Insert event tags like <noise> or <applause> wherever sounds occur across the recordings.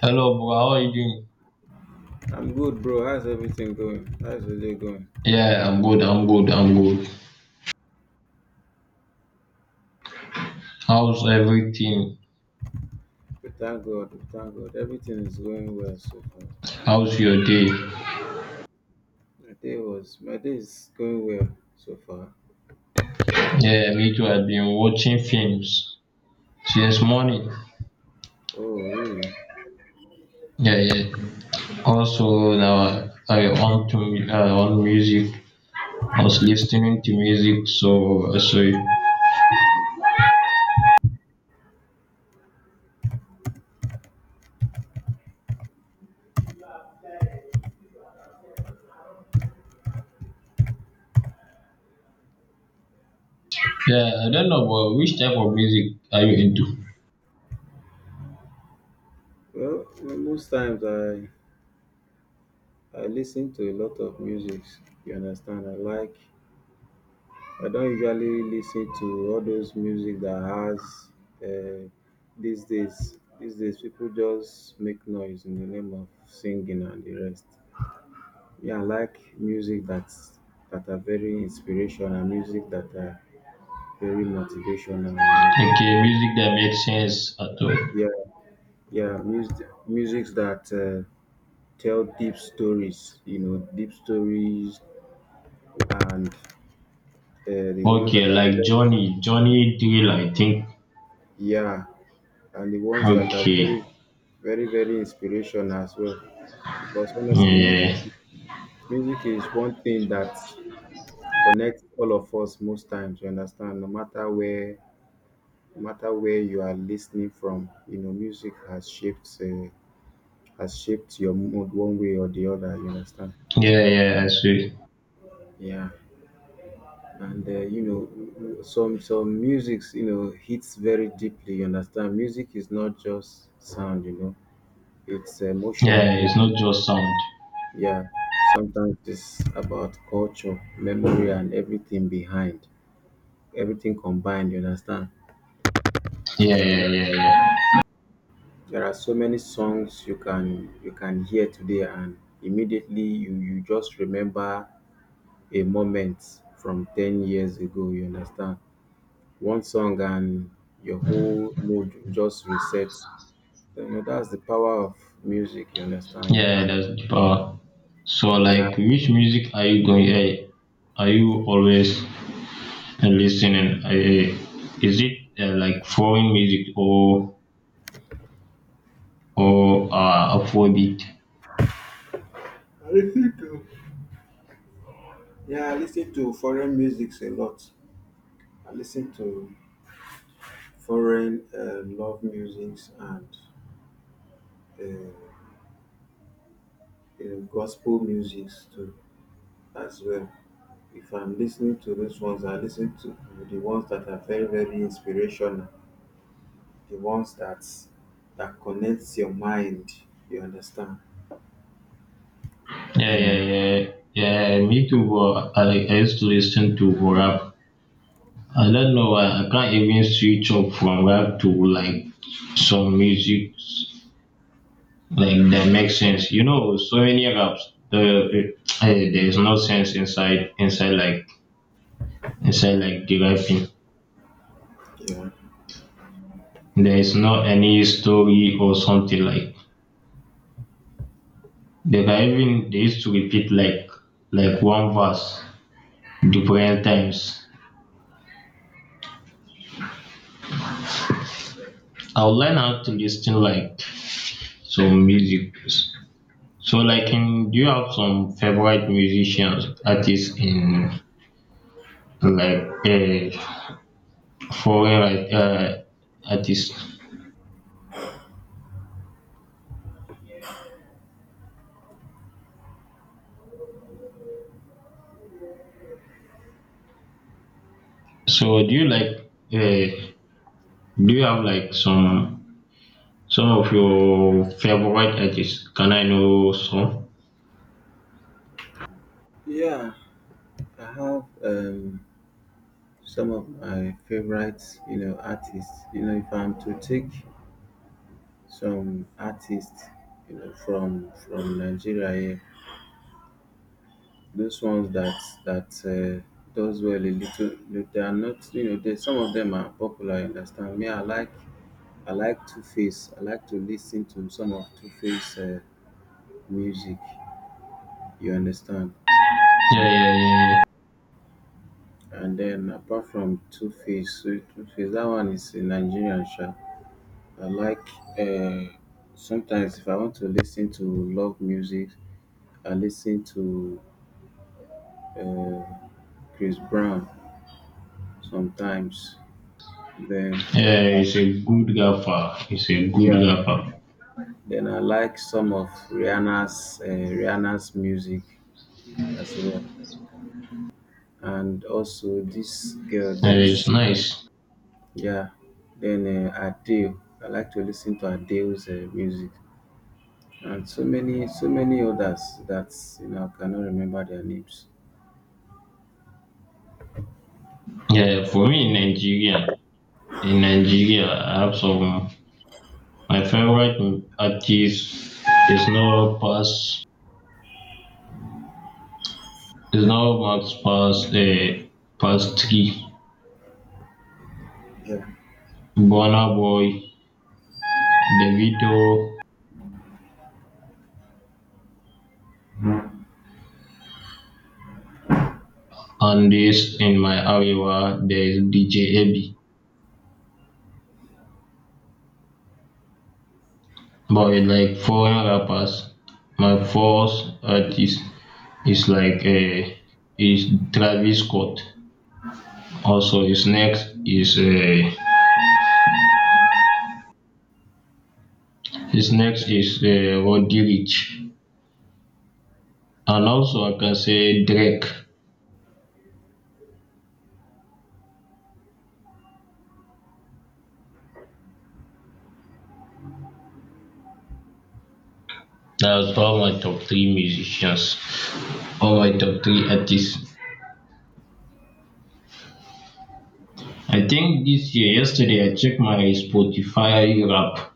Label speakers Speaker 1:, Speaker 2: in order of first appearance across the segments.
Speaker 1: Hello, bro. How are you doing?
Speaker 2: I'm good, bro. How's everything going? How's the day going?
Speaker 1: Yeah, I'm good. I'm good. I'm good. How's everything?
Speaker 2: We thank God. We thank God. Everything is going well so far.
Speaker 1: How's your day?
Speaker 2: My day is going well so far.
Speaker 1: Yeah, me too. I've been watching films since morning.
Speaker 2: Oh, really?
Speaker 1: Yeah, yeah. Also, now I on to on music. I was listening to music, so yeah. I don't know, but which type of music are you into?
Speaker 2: Most times I listen to a lot of music. You understand? I like. I don't usually listen to all those music that has uh, these days. These days, people just make noise in the name of singing and the rest. Yeah, I like music that's that are very inspirational, music that are very motivational, you know.
Speaker 1: Okay, music that makes sense at all.
Speaker 2: Yeah, yeah, music that tell deep stories, you know, deep stories and the ones
Speaker 1: Okay,
Speaker 2: that are
Speaker 1: like
Speaker 2: very
Speaker 1: Johnny Drill, I think.
Speaker 2: yeah, and the ones that are
Speaker 1: Okay,
Speaker 2: very inspirational as well. Because
Speaker 1: yeah,
Speaker 2: honestly, music
Speaker 1: yeah.
Speaker 2: music is one thing that connects all of us most times, you understand, no matter where you are listening from, you know, music has shaped your mood one way or the other, you understand.
Speaker 1: Yeah, yeah, I see.
Speaker 2: Yeah, and you know, some musics, you know, hits very deeply, you understand. Music is not just sound, you know, it's emotion.
Speaker 1: Yeah, yeah, it's not just sound.
Speaker 2: Yeah, sometimes it's about culture, memory and everything combined, you understand.
Speaker 1: Yeah, yeah, yeah, yeah.
Speaker 2: There are so many songs you can hear today and immediately you just remember a moment from 10 years ago, you understand? One song and your whole mood just resets. You know, that's the power of music, you understand? You
Speaker 1: Yeah,
Speaker 2: can,
Speaker 1: that's the power. So,
Speaker 2: yeah.
Speaker 1: like, which music are you going, are you always, listening? Is it, like foreign music, or Afrobeat?
Speaker 2: I listen to, yeah, I listen to foreign musics a lot. I listen to foreign love musics and uh, gospel musics too as well. If I'm listening to those ones, I listen to the ones that are very, very inspirational, the ones that connects your mind. You understand?
Speaker 1: Yeah,
Speaker 2: You
Speaker 1: yeah,
Speaker 2: know.
Speaker 1: yeah, yeah. Me too. But I used to listen to rap. I don't know. I can't even switch up from rap to like some music, like that makes sense. You know, so many apps, the there is no sense inside like inside like deriving.
Speaker 2: Yeah.
Speaker 1: There is not any story or something like deriving. They used to repeat like one verse different times. I'll learn how to listen like some music. So, like, in, do you have some favorite musicians, artists in like, foreign, like, artists? So uh, do you have like some of your favorite artists? Can I know some?
Speaker 2: Yeah. I have some of my favorite, you know, artists. You know, if I'm to take some artists, you know, from Nigeria here, those ones that. Does well a little. They are not, you know, they, some of them are popular, you understand me. I like. I like Two-Face. I like to listen to some of Two-Face music. You understand?
Speaker 1: Yeah, yeah, yeah.
Speaker 2: And then apart from Two-Face, so Two-Face, that one is a Nigerian sha. I like uh, sometimes if I want to listen to love music, I listen to uh, Chris Brown sometimes. Then
Speaker 1: Yeah,
Speaker 2: uh,
Speaker 1: he's a good rapper. He's a good
Speaker 2: yeah,
Speaker 1: rapper.
Speaker 2: then I like some of Rihanna's music as well. And also this girl, there
Speaker 1: It's
Speaker 2: is.
Speaker 1: nice.
Speaker 2: Yeah, then Adele, I like to listen to Adele's music and so many, so many others that, you know, I cannot remember their names.
Speaker 1: Yeah, for me in Nigeria, I have some. My favorite artist is not past. Is not much past. Past three.
Speaker 2: Yeah,
Speaker 1: Burna Boy, Davido, and this in my area, there is DJ Abi, but it's like foreign rappers. My first artist is like a is Travis Scott. Also, his next is Roddy Rich, and also I can say Drake. That's all my top three musicians, all my top three artists. I think this year, yesterday, I checked my Spotify rap.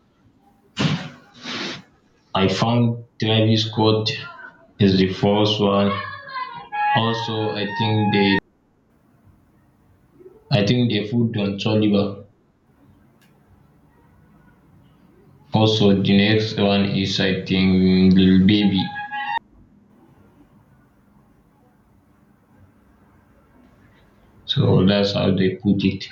Speaker 1: I found Travis Scott is the first one. Also, I think the food Don Toliver. Also, the next one is I think Lil Baby. So that's how they put it.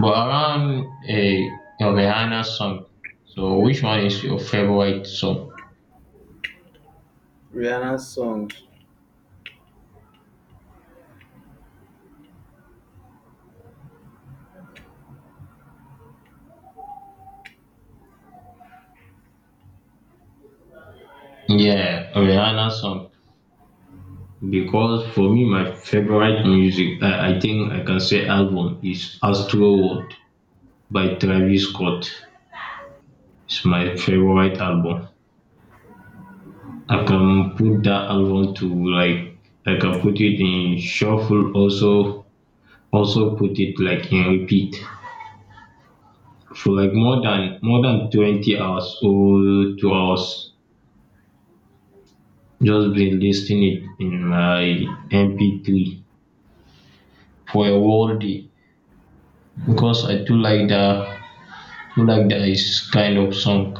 Speaker 1: But around a Rihanna song. So which one is your favorite song?
Speaker 2: Rihanna's song.
Speaker 1: Yeah, Rihanna song. Because for me, my favorite music, I think I can say album is Astro World by Travis Scott. It's my favorite album. I
Speaker 2: Oh
Speaker 1: can put that album to like I can put it in shuffle, also put it like in repeat for like more than 20 hours or 2 hours. Just been listening it in my MP3 for a whole day because I do like that is kind of song.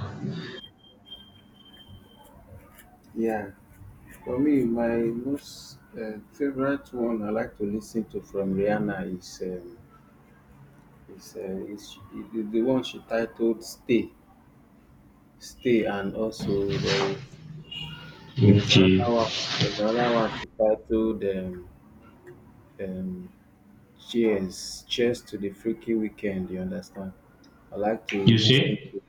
Speaker 2: yeah, for me my most favorite one I like to listen to from Rihanna is is the one she titled Stay. And also there is, there is
Speaker 1: Okay,
Speaker 2: another one, there's another one she titled um cheers, cheers to the freaky weekend, you understand. I like to
Speaker 1: you
Speaker 2: listen
Speaker 1: see?
Speaker 2: to.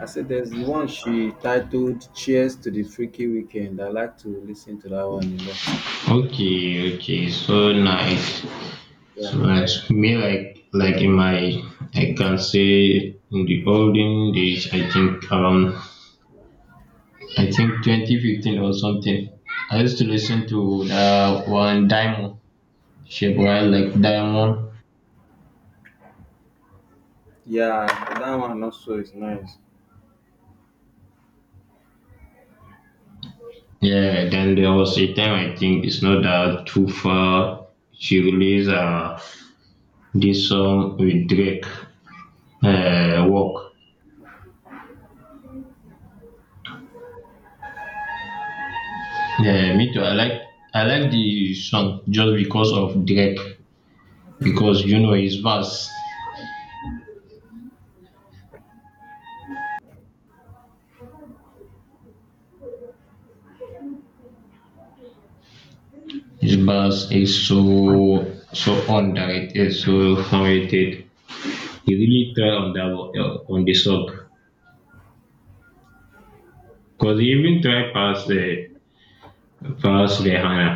Speaker 2: I said there's the one she titled cheers to the freaky weekend, I like to listen to that one a lot.
Speaker 1: Okay, okay, so nice. So,
Speaker 2: Yeah,
Speaker 1: like, me, like, in my, I can say, in the olden days, I think around I think 2015 or something. I used to listen to the one Diamond Shape Well, like Diamond.
Speaker 2: yeah, that one also is nice.
Speaker 1: Yeah, then there was a time, I think it's not that too far. She released, this song with Drake, Walk. Yeah, me too. I like the song just because of Drake, because you know his verse. His bus is so on diet, is so how. He really try on that on the sub, because he even try pass Rihanna.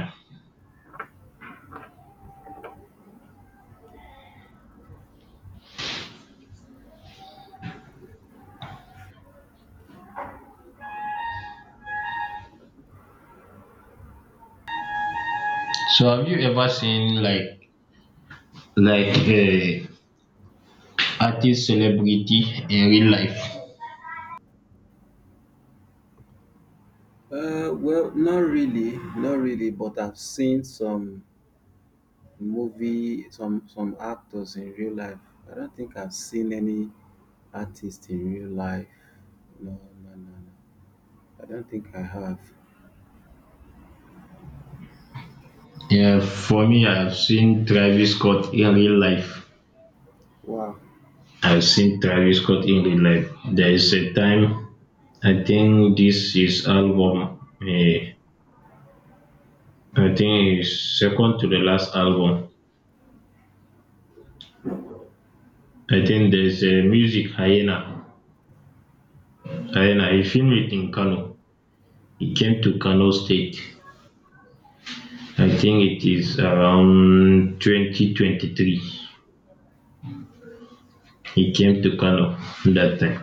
Speaker 1: So, have you ever seen like, a artist celebrity in real life?
Speaker 2: Well, not really, not really, but I've seen some movie, some actors in real life. I don't think I've seen any artist in real life. No, no, no, no. I don't think I have.
Speaker 1: Yeah, for me, I've seen Travis Scott in real life.
Speaker 2: Wow.
Speaker 1: I've seen Travis Scott in real life. There is a time I think this is album, eh, I think it's second to the last album. I think there's a music hyena. Hyena, he filmed it in Kano. It came to Kano State. I think it is around 2023. It came to Kano that time.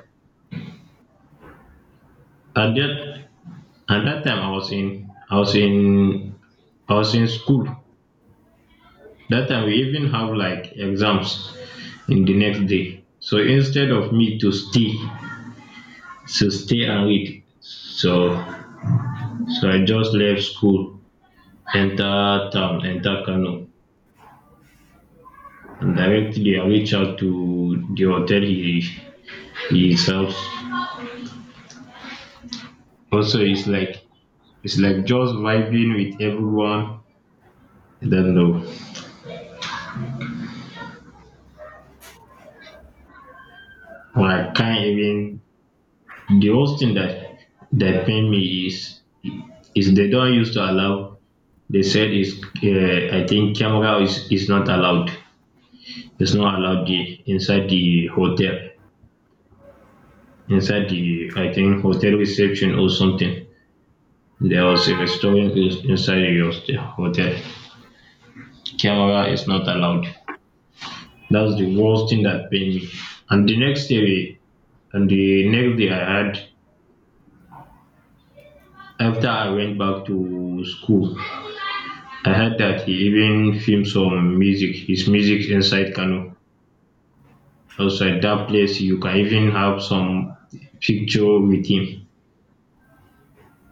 Speaker 1: At that at that time, I was in I was in I was in school. That time we even have like exams in the next day. So instead of me to stay, and read, so I just left school, enter town, enter Kano, and directly I reach out to the hotel he serves. Also, it's like just vibing with everyone. I don't know. Or I can't even, the worst thing that pain me is they don't used to allow, they said is, I think camera is, not allowed. It's not allowed, the, inside the hotel. Inside the, I think, hotel reception or something. There was a restaurant inside the hotel. Camera is not allowed. That's the worst thing that pained me. And the next day, and the next day I had, after I went back to school, I heard that he even filmed some music, his music inside Kano. Outside that place, you can even have some picture with him.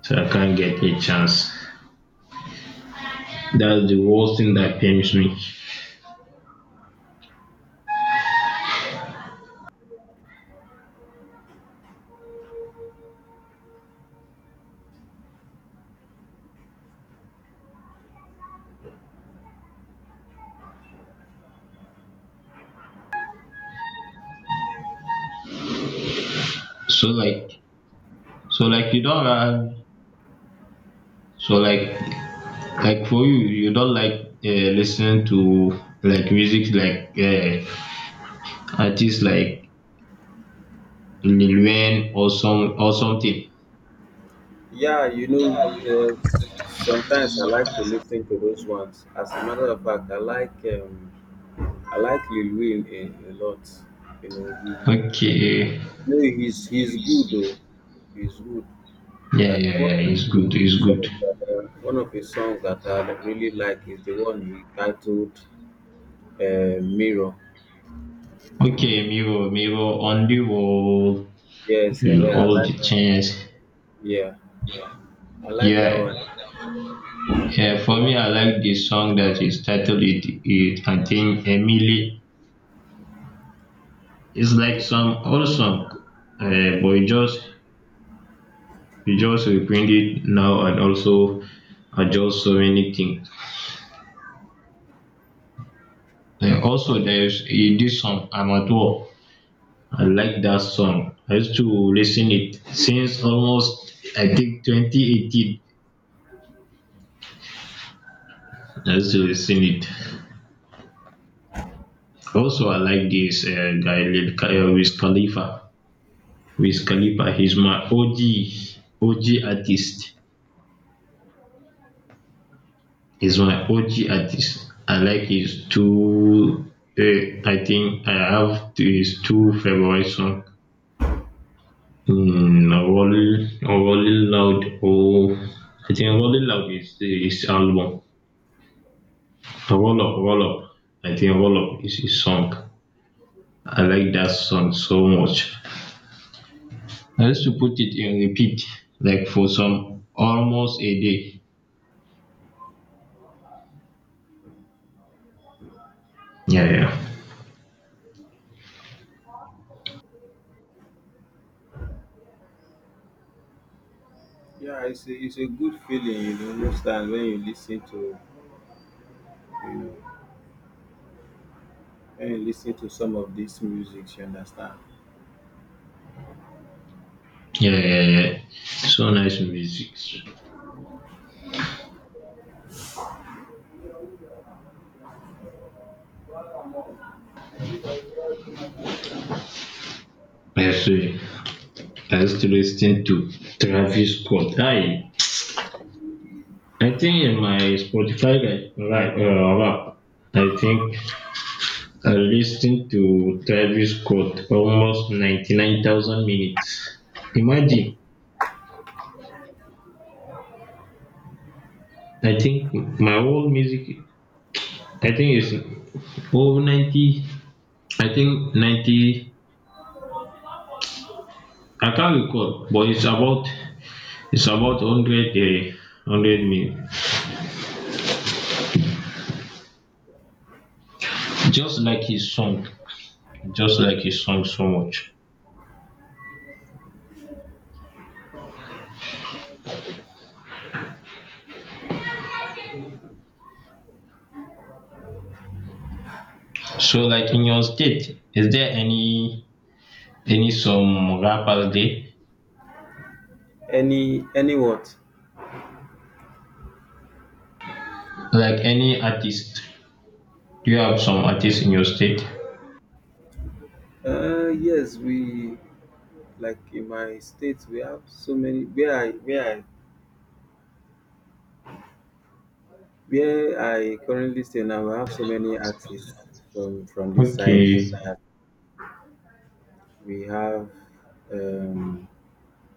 Speaker 1: So I can't get a chance. That's the worst thing that pains me. So like, so like you don't have, so like for you, you don't like listening to like music, like artists like Lil Wayne or some or something.
Speaker 2: Yeah, you know, sometimes I like to listen to those ones. As a matter of fact, I like Lil Wayne a lot. You know, he,
Speaker 1: Okay.
Speaker 2: no, he's good though. He's good.
Speaker 1: Yeah,
Speaker 2: But
Speaker 1: yeah,
Speaker 2: one
Speaker 1: yeah. It's
Speaker 2: of
Speaker 1: good.
Speaker 2: his
Speaker 1: It's good.
Speaker 2: songs that one of his songs that I really like is the one he titled. Mirror.
Speaker 1: Okay, Miro, Miro, on the wall,
Speaker 2: Yes,
Speaker 1: you
Speaker 2: yeah, I
Speaker 1: all
Speaker 2: like.
Speaker 1: the chance.
Speaker 2: Yeah, I like that
Speaker 1: Yeah,
Speaker 2: one.
Speaker 1: yeah.
Speaker 2: The
Speaker 1: For
Speaker 2: one-
Speaker 1: me, I like this song that is titled "It It Contain Emily." It's like
Speaker 2: Yeah,
Speaker 1: some old song, but it just you just reprint it now and also adjust so many things. And also there's, this song Amateur. I like that song. I used to listen it since almost, I think, 2018. I used to listen it. Also, I like this, guy Wiz Khalifa. Wiz Khalifa. He's my OG artist. He's my OG artist. I like his two. I think I have his two favorite songs. Mm, أول أول loud, oh, I think Awole loud is album. Awolof, Awolof, I think Awolof is his song. I like that song so much. I used to put it in repeat like for some almost a day. Yeah, yeah,
Speaker 2: yeah, it's it's a good feeling, you know, most times when you listen to, you know, when you listen to some of these music, you understand.
Speaker 1: yeah, yeah, yeah. So nice music. I see. I used to listen to Travis Scott. I think in my Spotify, right, rap. I think I listened to Travis Scott almost 99,000 minutes. Imagine, I think my whole music, I think it's over 90, I think 90, I can't recall, but it's about, 100, 100 minutes. Just like his song, just like his song so much. So, like, in your state, is there any some rappers there?
Speaker 2: Any what?
Speaker 1: Like, any artist? Do you have some artists in your state?
Speaker 2: Yes, we, like in my state we have so many. Where I currently stay now, we have so many artists from this side
Speaker 1: Okay.
Speaker 2: that we have. Um,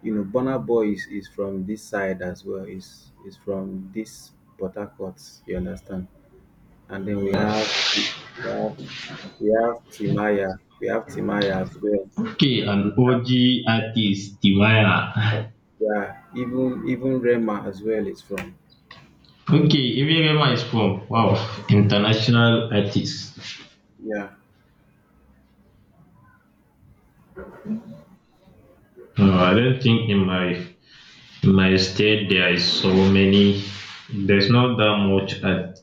Speaker 2: You know, Burna Boy is from this side as well. Is from this Port Harcourt. You understand? And then we have Timaya. We have Timaya as well.
Speaker 1: Okay,
Speaker 2: And
Speaker 1: an
Speaker 2: we have,
Speaker 1: OG artist, Timaya.
Speaker 2: yeah, even Rema as well is from.
Speaker 1: Okay, Ibirema is from, wow, international artist.
Speaker 2: Yeah.
Speaker 1: No, I don't think in my state there is so many. There's not that much. Art.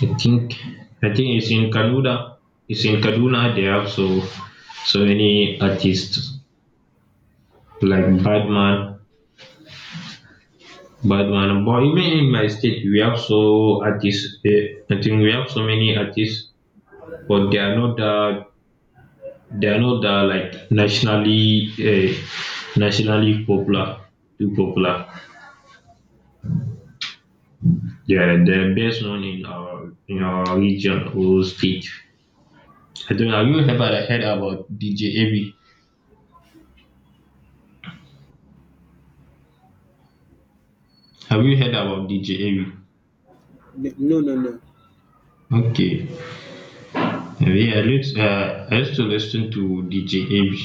Speaker 1: I think I think it's in Kaduna. It's in Kaduna. They have so many artists like Badman. But even in my state, we have so artists. I think we have so many artists, but they are not that like nationally popular, too popular. Yeah, the best known in our region or state. I don't know. Have you ever heard about DJ Abby? Have you heard about DJ Abby?
Speaker 2: No, no, no.
Speaker 1: Okay. Yeah, I used to listen to DJ Abby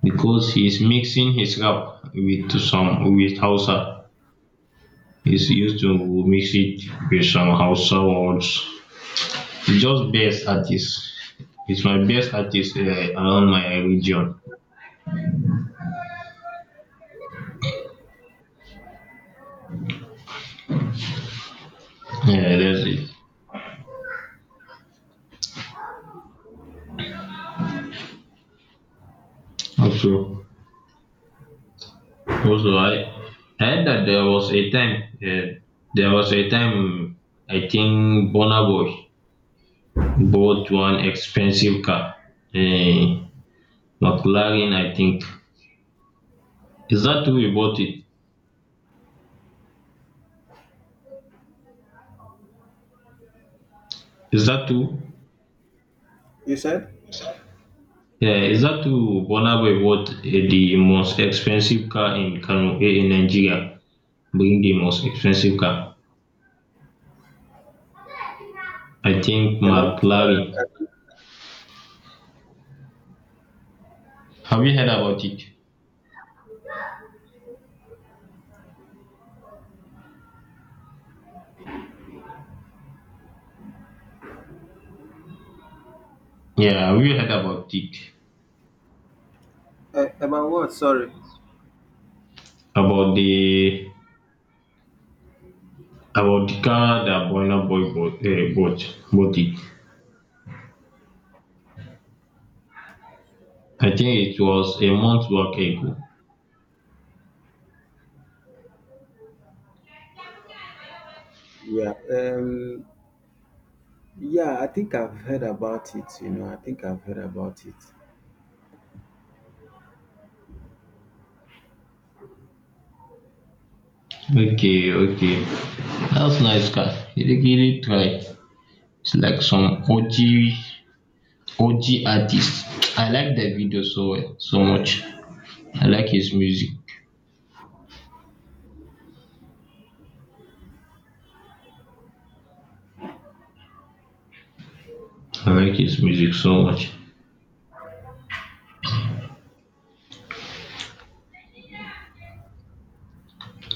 Speaker 1: because he's mixing his rap with some with Hausa. He's used to mix it with some Hausa words. It's just best artist. It's my best artist, around my region. Yeah, that's it. Also, Also, I heard that there was a time, there was a time I think Burna Boy bought one expensive car, uh, McLaren, I think. Is that who he bought it? Is that who?
Speaker 2: You said?
Speaker 1: Yeah, is that who Burna Boy bought, the most expensive car in Kano, in Nigeria? Being the most expensive car. I think
Speaker 2: Hello.
Speaker 1: Mark
Speaker 2: Sorry,
Speaker 1: Larry.
Speaker 2: I-
Speaker 1: Have you heard about it? Yeah, have you heard about it?
Speaker 2: About what? Sorry.
Speaker 1: About the about the car that Burna Boy bought, bought it. I think it was a month back ago.
Speaker 2: Yeah, yeah, I think I've heard about it, you know, I think I've heard about it.
Speaker 1: Okay, okay. That's nice car. He really try. It's like some OG artist. I like the video so well, so much. I like his music. I like his music so much.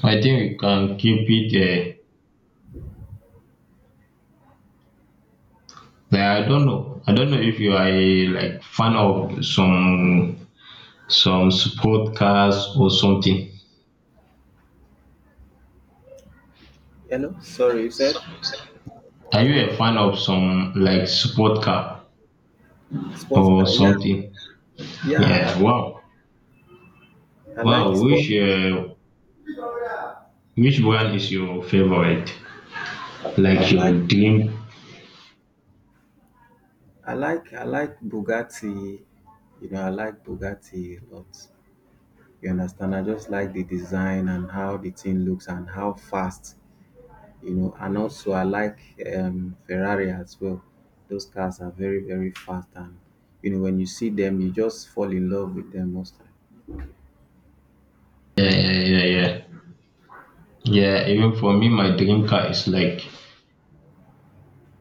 Speaker 1: I think we can keep it, like, I don't know. I don't know if you are a like fan of some sport cars or something.
Speaker 2: Hello? Sorry, you said?
Speaker 1: Are you a fan of some like sport car
Speaker 2: Sports
Speaker 1: or
Speaker 2: car, yeah,
Speaker 1: something?
Speaker 2: Yeah,
Speaker 1: Yeah. Wow.
Speaker 2: I like
Speaker 1: Wow.
Speaker 2: sport.
Speaker 1: Which brand is your favorite?
Speaker 2: I
Speaker 1: Like your
Speaker 2: like
Speaker 1: dream?
Speaker 2: I like Bugatti. You know, I like Bugatti a lot. You understand? I just like the design and how the thing looks and how fast. You know, and also I like Ferrari as well. Those cars are very, very fast, and you know when you see them, you just fall in love with them most time.
Speaker 1: Yeah, yeah, yeah, yeah. Yeah. Even for me, my dream car is like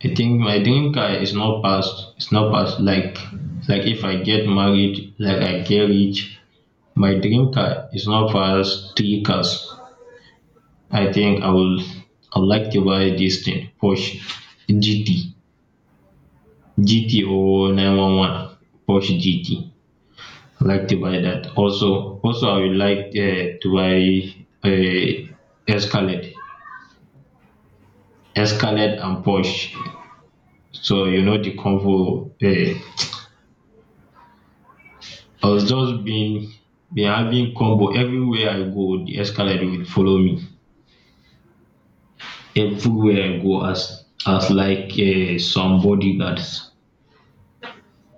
Speaker 1: I think my dream car is not past. It's not past. Like, if I get married, like I get rich. My dream car is not pass three cars. I think I would like to buy this thing Porsche GT, or 911 Porsche GT. Like to buy that. Also, I would like, to buy a Escalade Escalade and Porsche. So you know the combo. I was just been having combo everywhere I go. The Escalade will follow me, everywhere I go, as like, some bodyguards.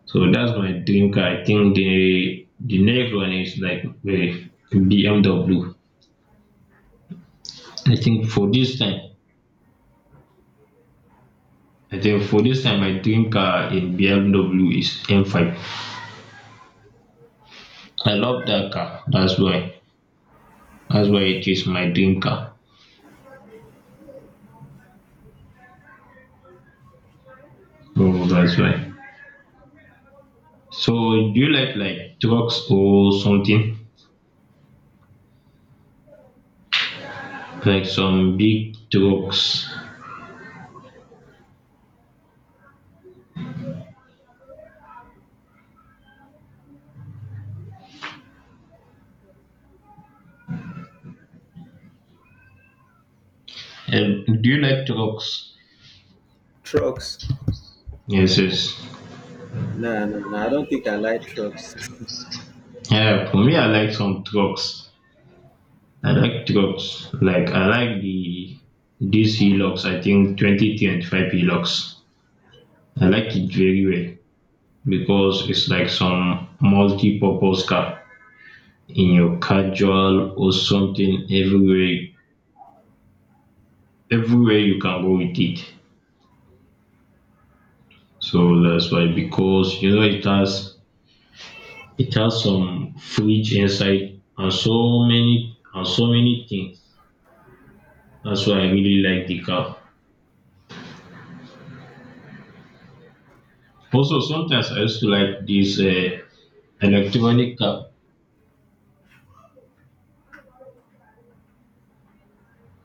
Speaker 1: So that's my dream car. I think the next one is like the BMW. I think for this time, I think for this time my dream car in BMW is M5. I love that car. That's why. That's why it is my dream car. So that's why. So do you like trucks or something? Like some big trucks? And do you like trucks?
Speaker 2: Trucks?
Speaker 1: Yes, yes.
Speaker 2: No, no, no. I don't think I like trucks.
Speaker 1: Yeah, for me, I like some trucks. I like trucks. Like, I like the this Hilux. I think 2025 Hilux. I like it very well because it's like some multi-purpose car in your casual or something, everywhere you can go with it. So that's why, because you know it has some fridge inside, and so many things. That's why I really like the car. Also, sometimes I used to like these, electronic car.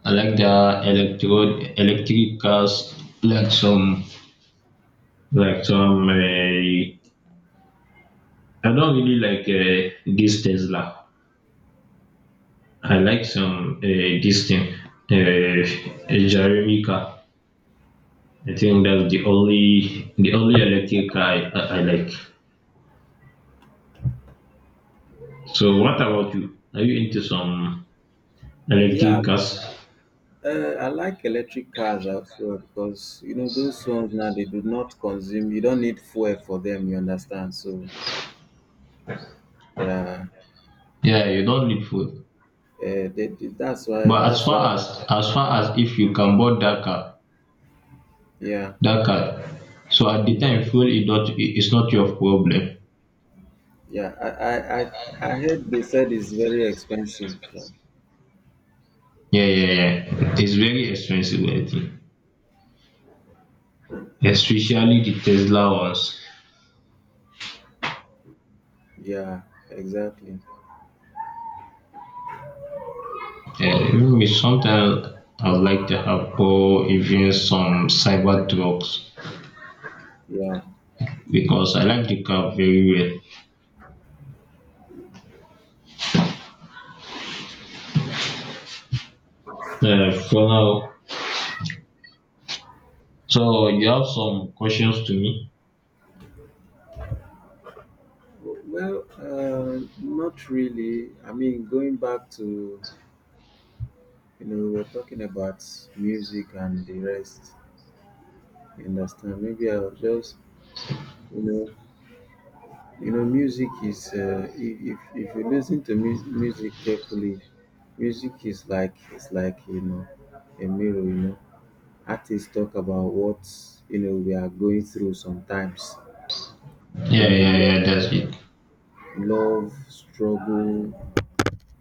Speaker 1: I like the electro electric cars, like some like some. I don't really like, this Tesla. I like some, this thing, uh, a Jeremy car. I think that's the only electric car I like. So, what about you? Are you into some
Speaker 2: <laughs> Yeah.
Speaker 1: electric cars?
Speaker 2: I like electric cars as well because you know those ones now they do not consume. You don't need fuel for them. You understand? So yeah,
Speaker 1: Yeah, you don't need food.
Speaker 2: that's why.
Speaker 1: But
Speaker 2: That's why.
Speaker 1: as far as, if you can board
Speaker 2: Yeah,
Speaker 1: that car, so at the
Speaker 2: it's,
Speaker 1: time
Speaker 2: it's,
Speaker 1: fuel is not it- it's not your problem.
Speaker 2: yeah. I heard they said it's very expensive. Yeah,
Speaker 1: Yeah, yeah, yeah, it's very expensive, I think, especially the Tesla ones.
Speaker 2: yeah, exactly.
Speaker 1: Yeah, even with sometimes I would like to have, or even some cyber trucks,
Speaker 2: Yeah.
Speaker 1: because I like the car very well, for now. So you have some questions to me?
Speaker 2: Well, not really. I mean, going back to, you know, we we're talking about music and the rest. You understand? Maybe I'll just, you know. You know, music is if you listen to music carefully, music is like, it's like, you know, a mirror. You know, artists talk about what, you know, we are going through sometimes. You
Speaker 1: Yeah, yeah,
Speaker 2: know,
Speaker 1: yeah, that's it.
Speaker 2: love struggle,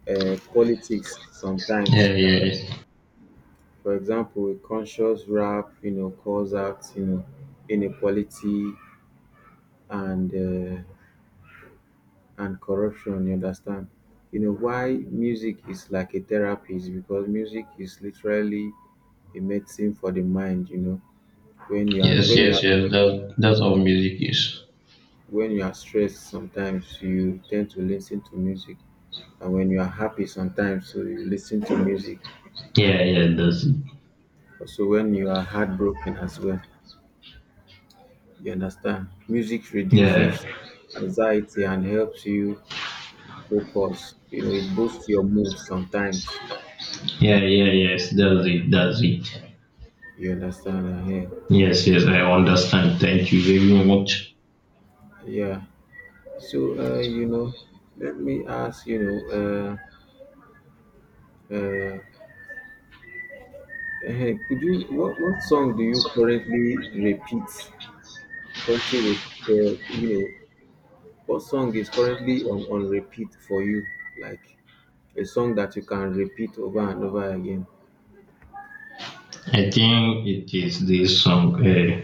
Speaker 2: politics sometimes.
Speaker 1: Yeah, yeah, yes,
Speaker 2: For example, a conscious rap, you know, calls out, you know, inequality and and corruption, you understand? You know why music is like a therapy is because music is literally a medicine for the mind, you know. When you are
Speaker 1: yes,
Speaker 2: when you
Speaker 1: yes,
Speaker 2: are
Speaker 1: yes, that's how music is.
Speaker 2: when you are stressed sometimes you tend to listen to music. And when you are happy sometimes so you listen to music.
Speaker 1: Yeah, yeah, that's it.
Speaker 2: Also when you are heartbroken as well. You understand? Music
Speaker 1: Yeah,
Speaker 2: reduces anxiety and helps you focus. You know, it boosts your mood sometimes.
Speaker 1: yeah, yeah, yes, that's it, that's it.
Speaker 2: You understand? Yeah.
Speaker 1: Yes, yes, I understand. Thank you very much.
Speaker 2: Yeah. So, you know, let me ask, you know, uh, uh, uh, hey, could you, what song do you currently repeat? Currently, re- you know, what song is currently on repeat for you? Like a song that you can repeat over and over again.
Speaker 1: I think it is this song,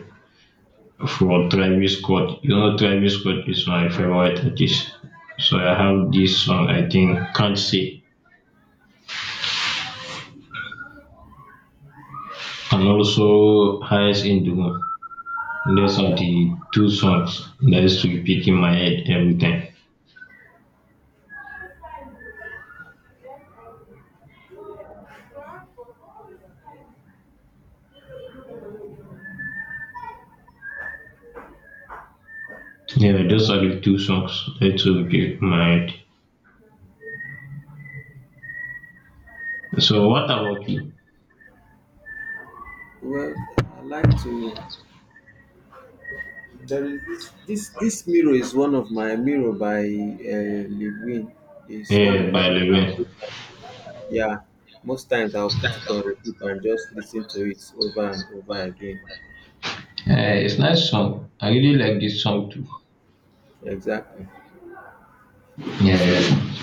Speaker 1: for Travis Scott. You know, Travis Scott is my favorite artist. So I
Speaker 2: Yeah.
Speaker 1: have this song, I think, Can't Say, and also Highs in the Moon. Those are the two songs that used to repeat in my head every time. Yeah, those are the two songs that used to repeat in my head. So what about you?
Speaker 2: Well, I like to. There is this mirror is one of my mirror by Lil Wayne is one
Speaker 1: Yeah,
Speaker 2: of my.
Speaker 1: by Levin.
Speaker 2: Yeah, most times I'll put it on repeat and just listen to it over and over again.
Speaker 1: Yeah, it's nice song. I really like this song too.
Speaker 2: Exactly. So,
Speaker 1: Yeah.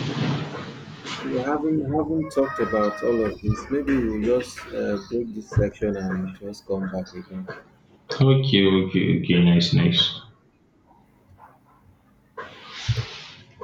Speaker 2: you know, having talked about all of this, maybe we'll just break this section and just come back again.
Speaker 1: Okay, okay, okay. Nice, nice.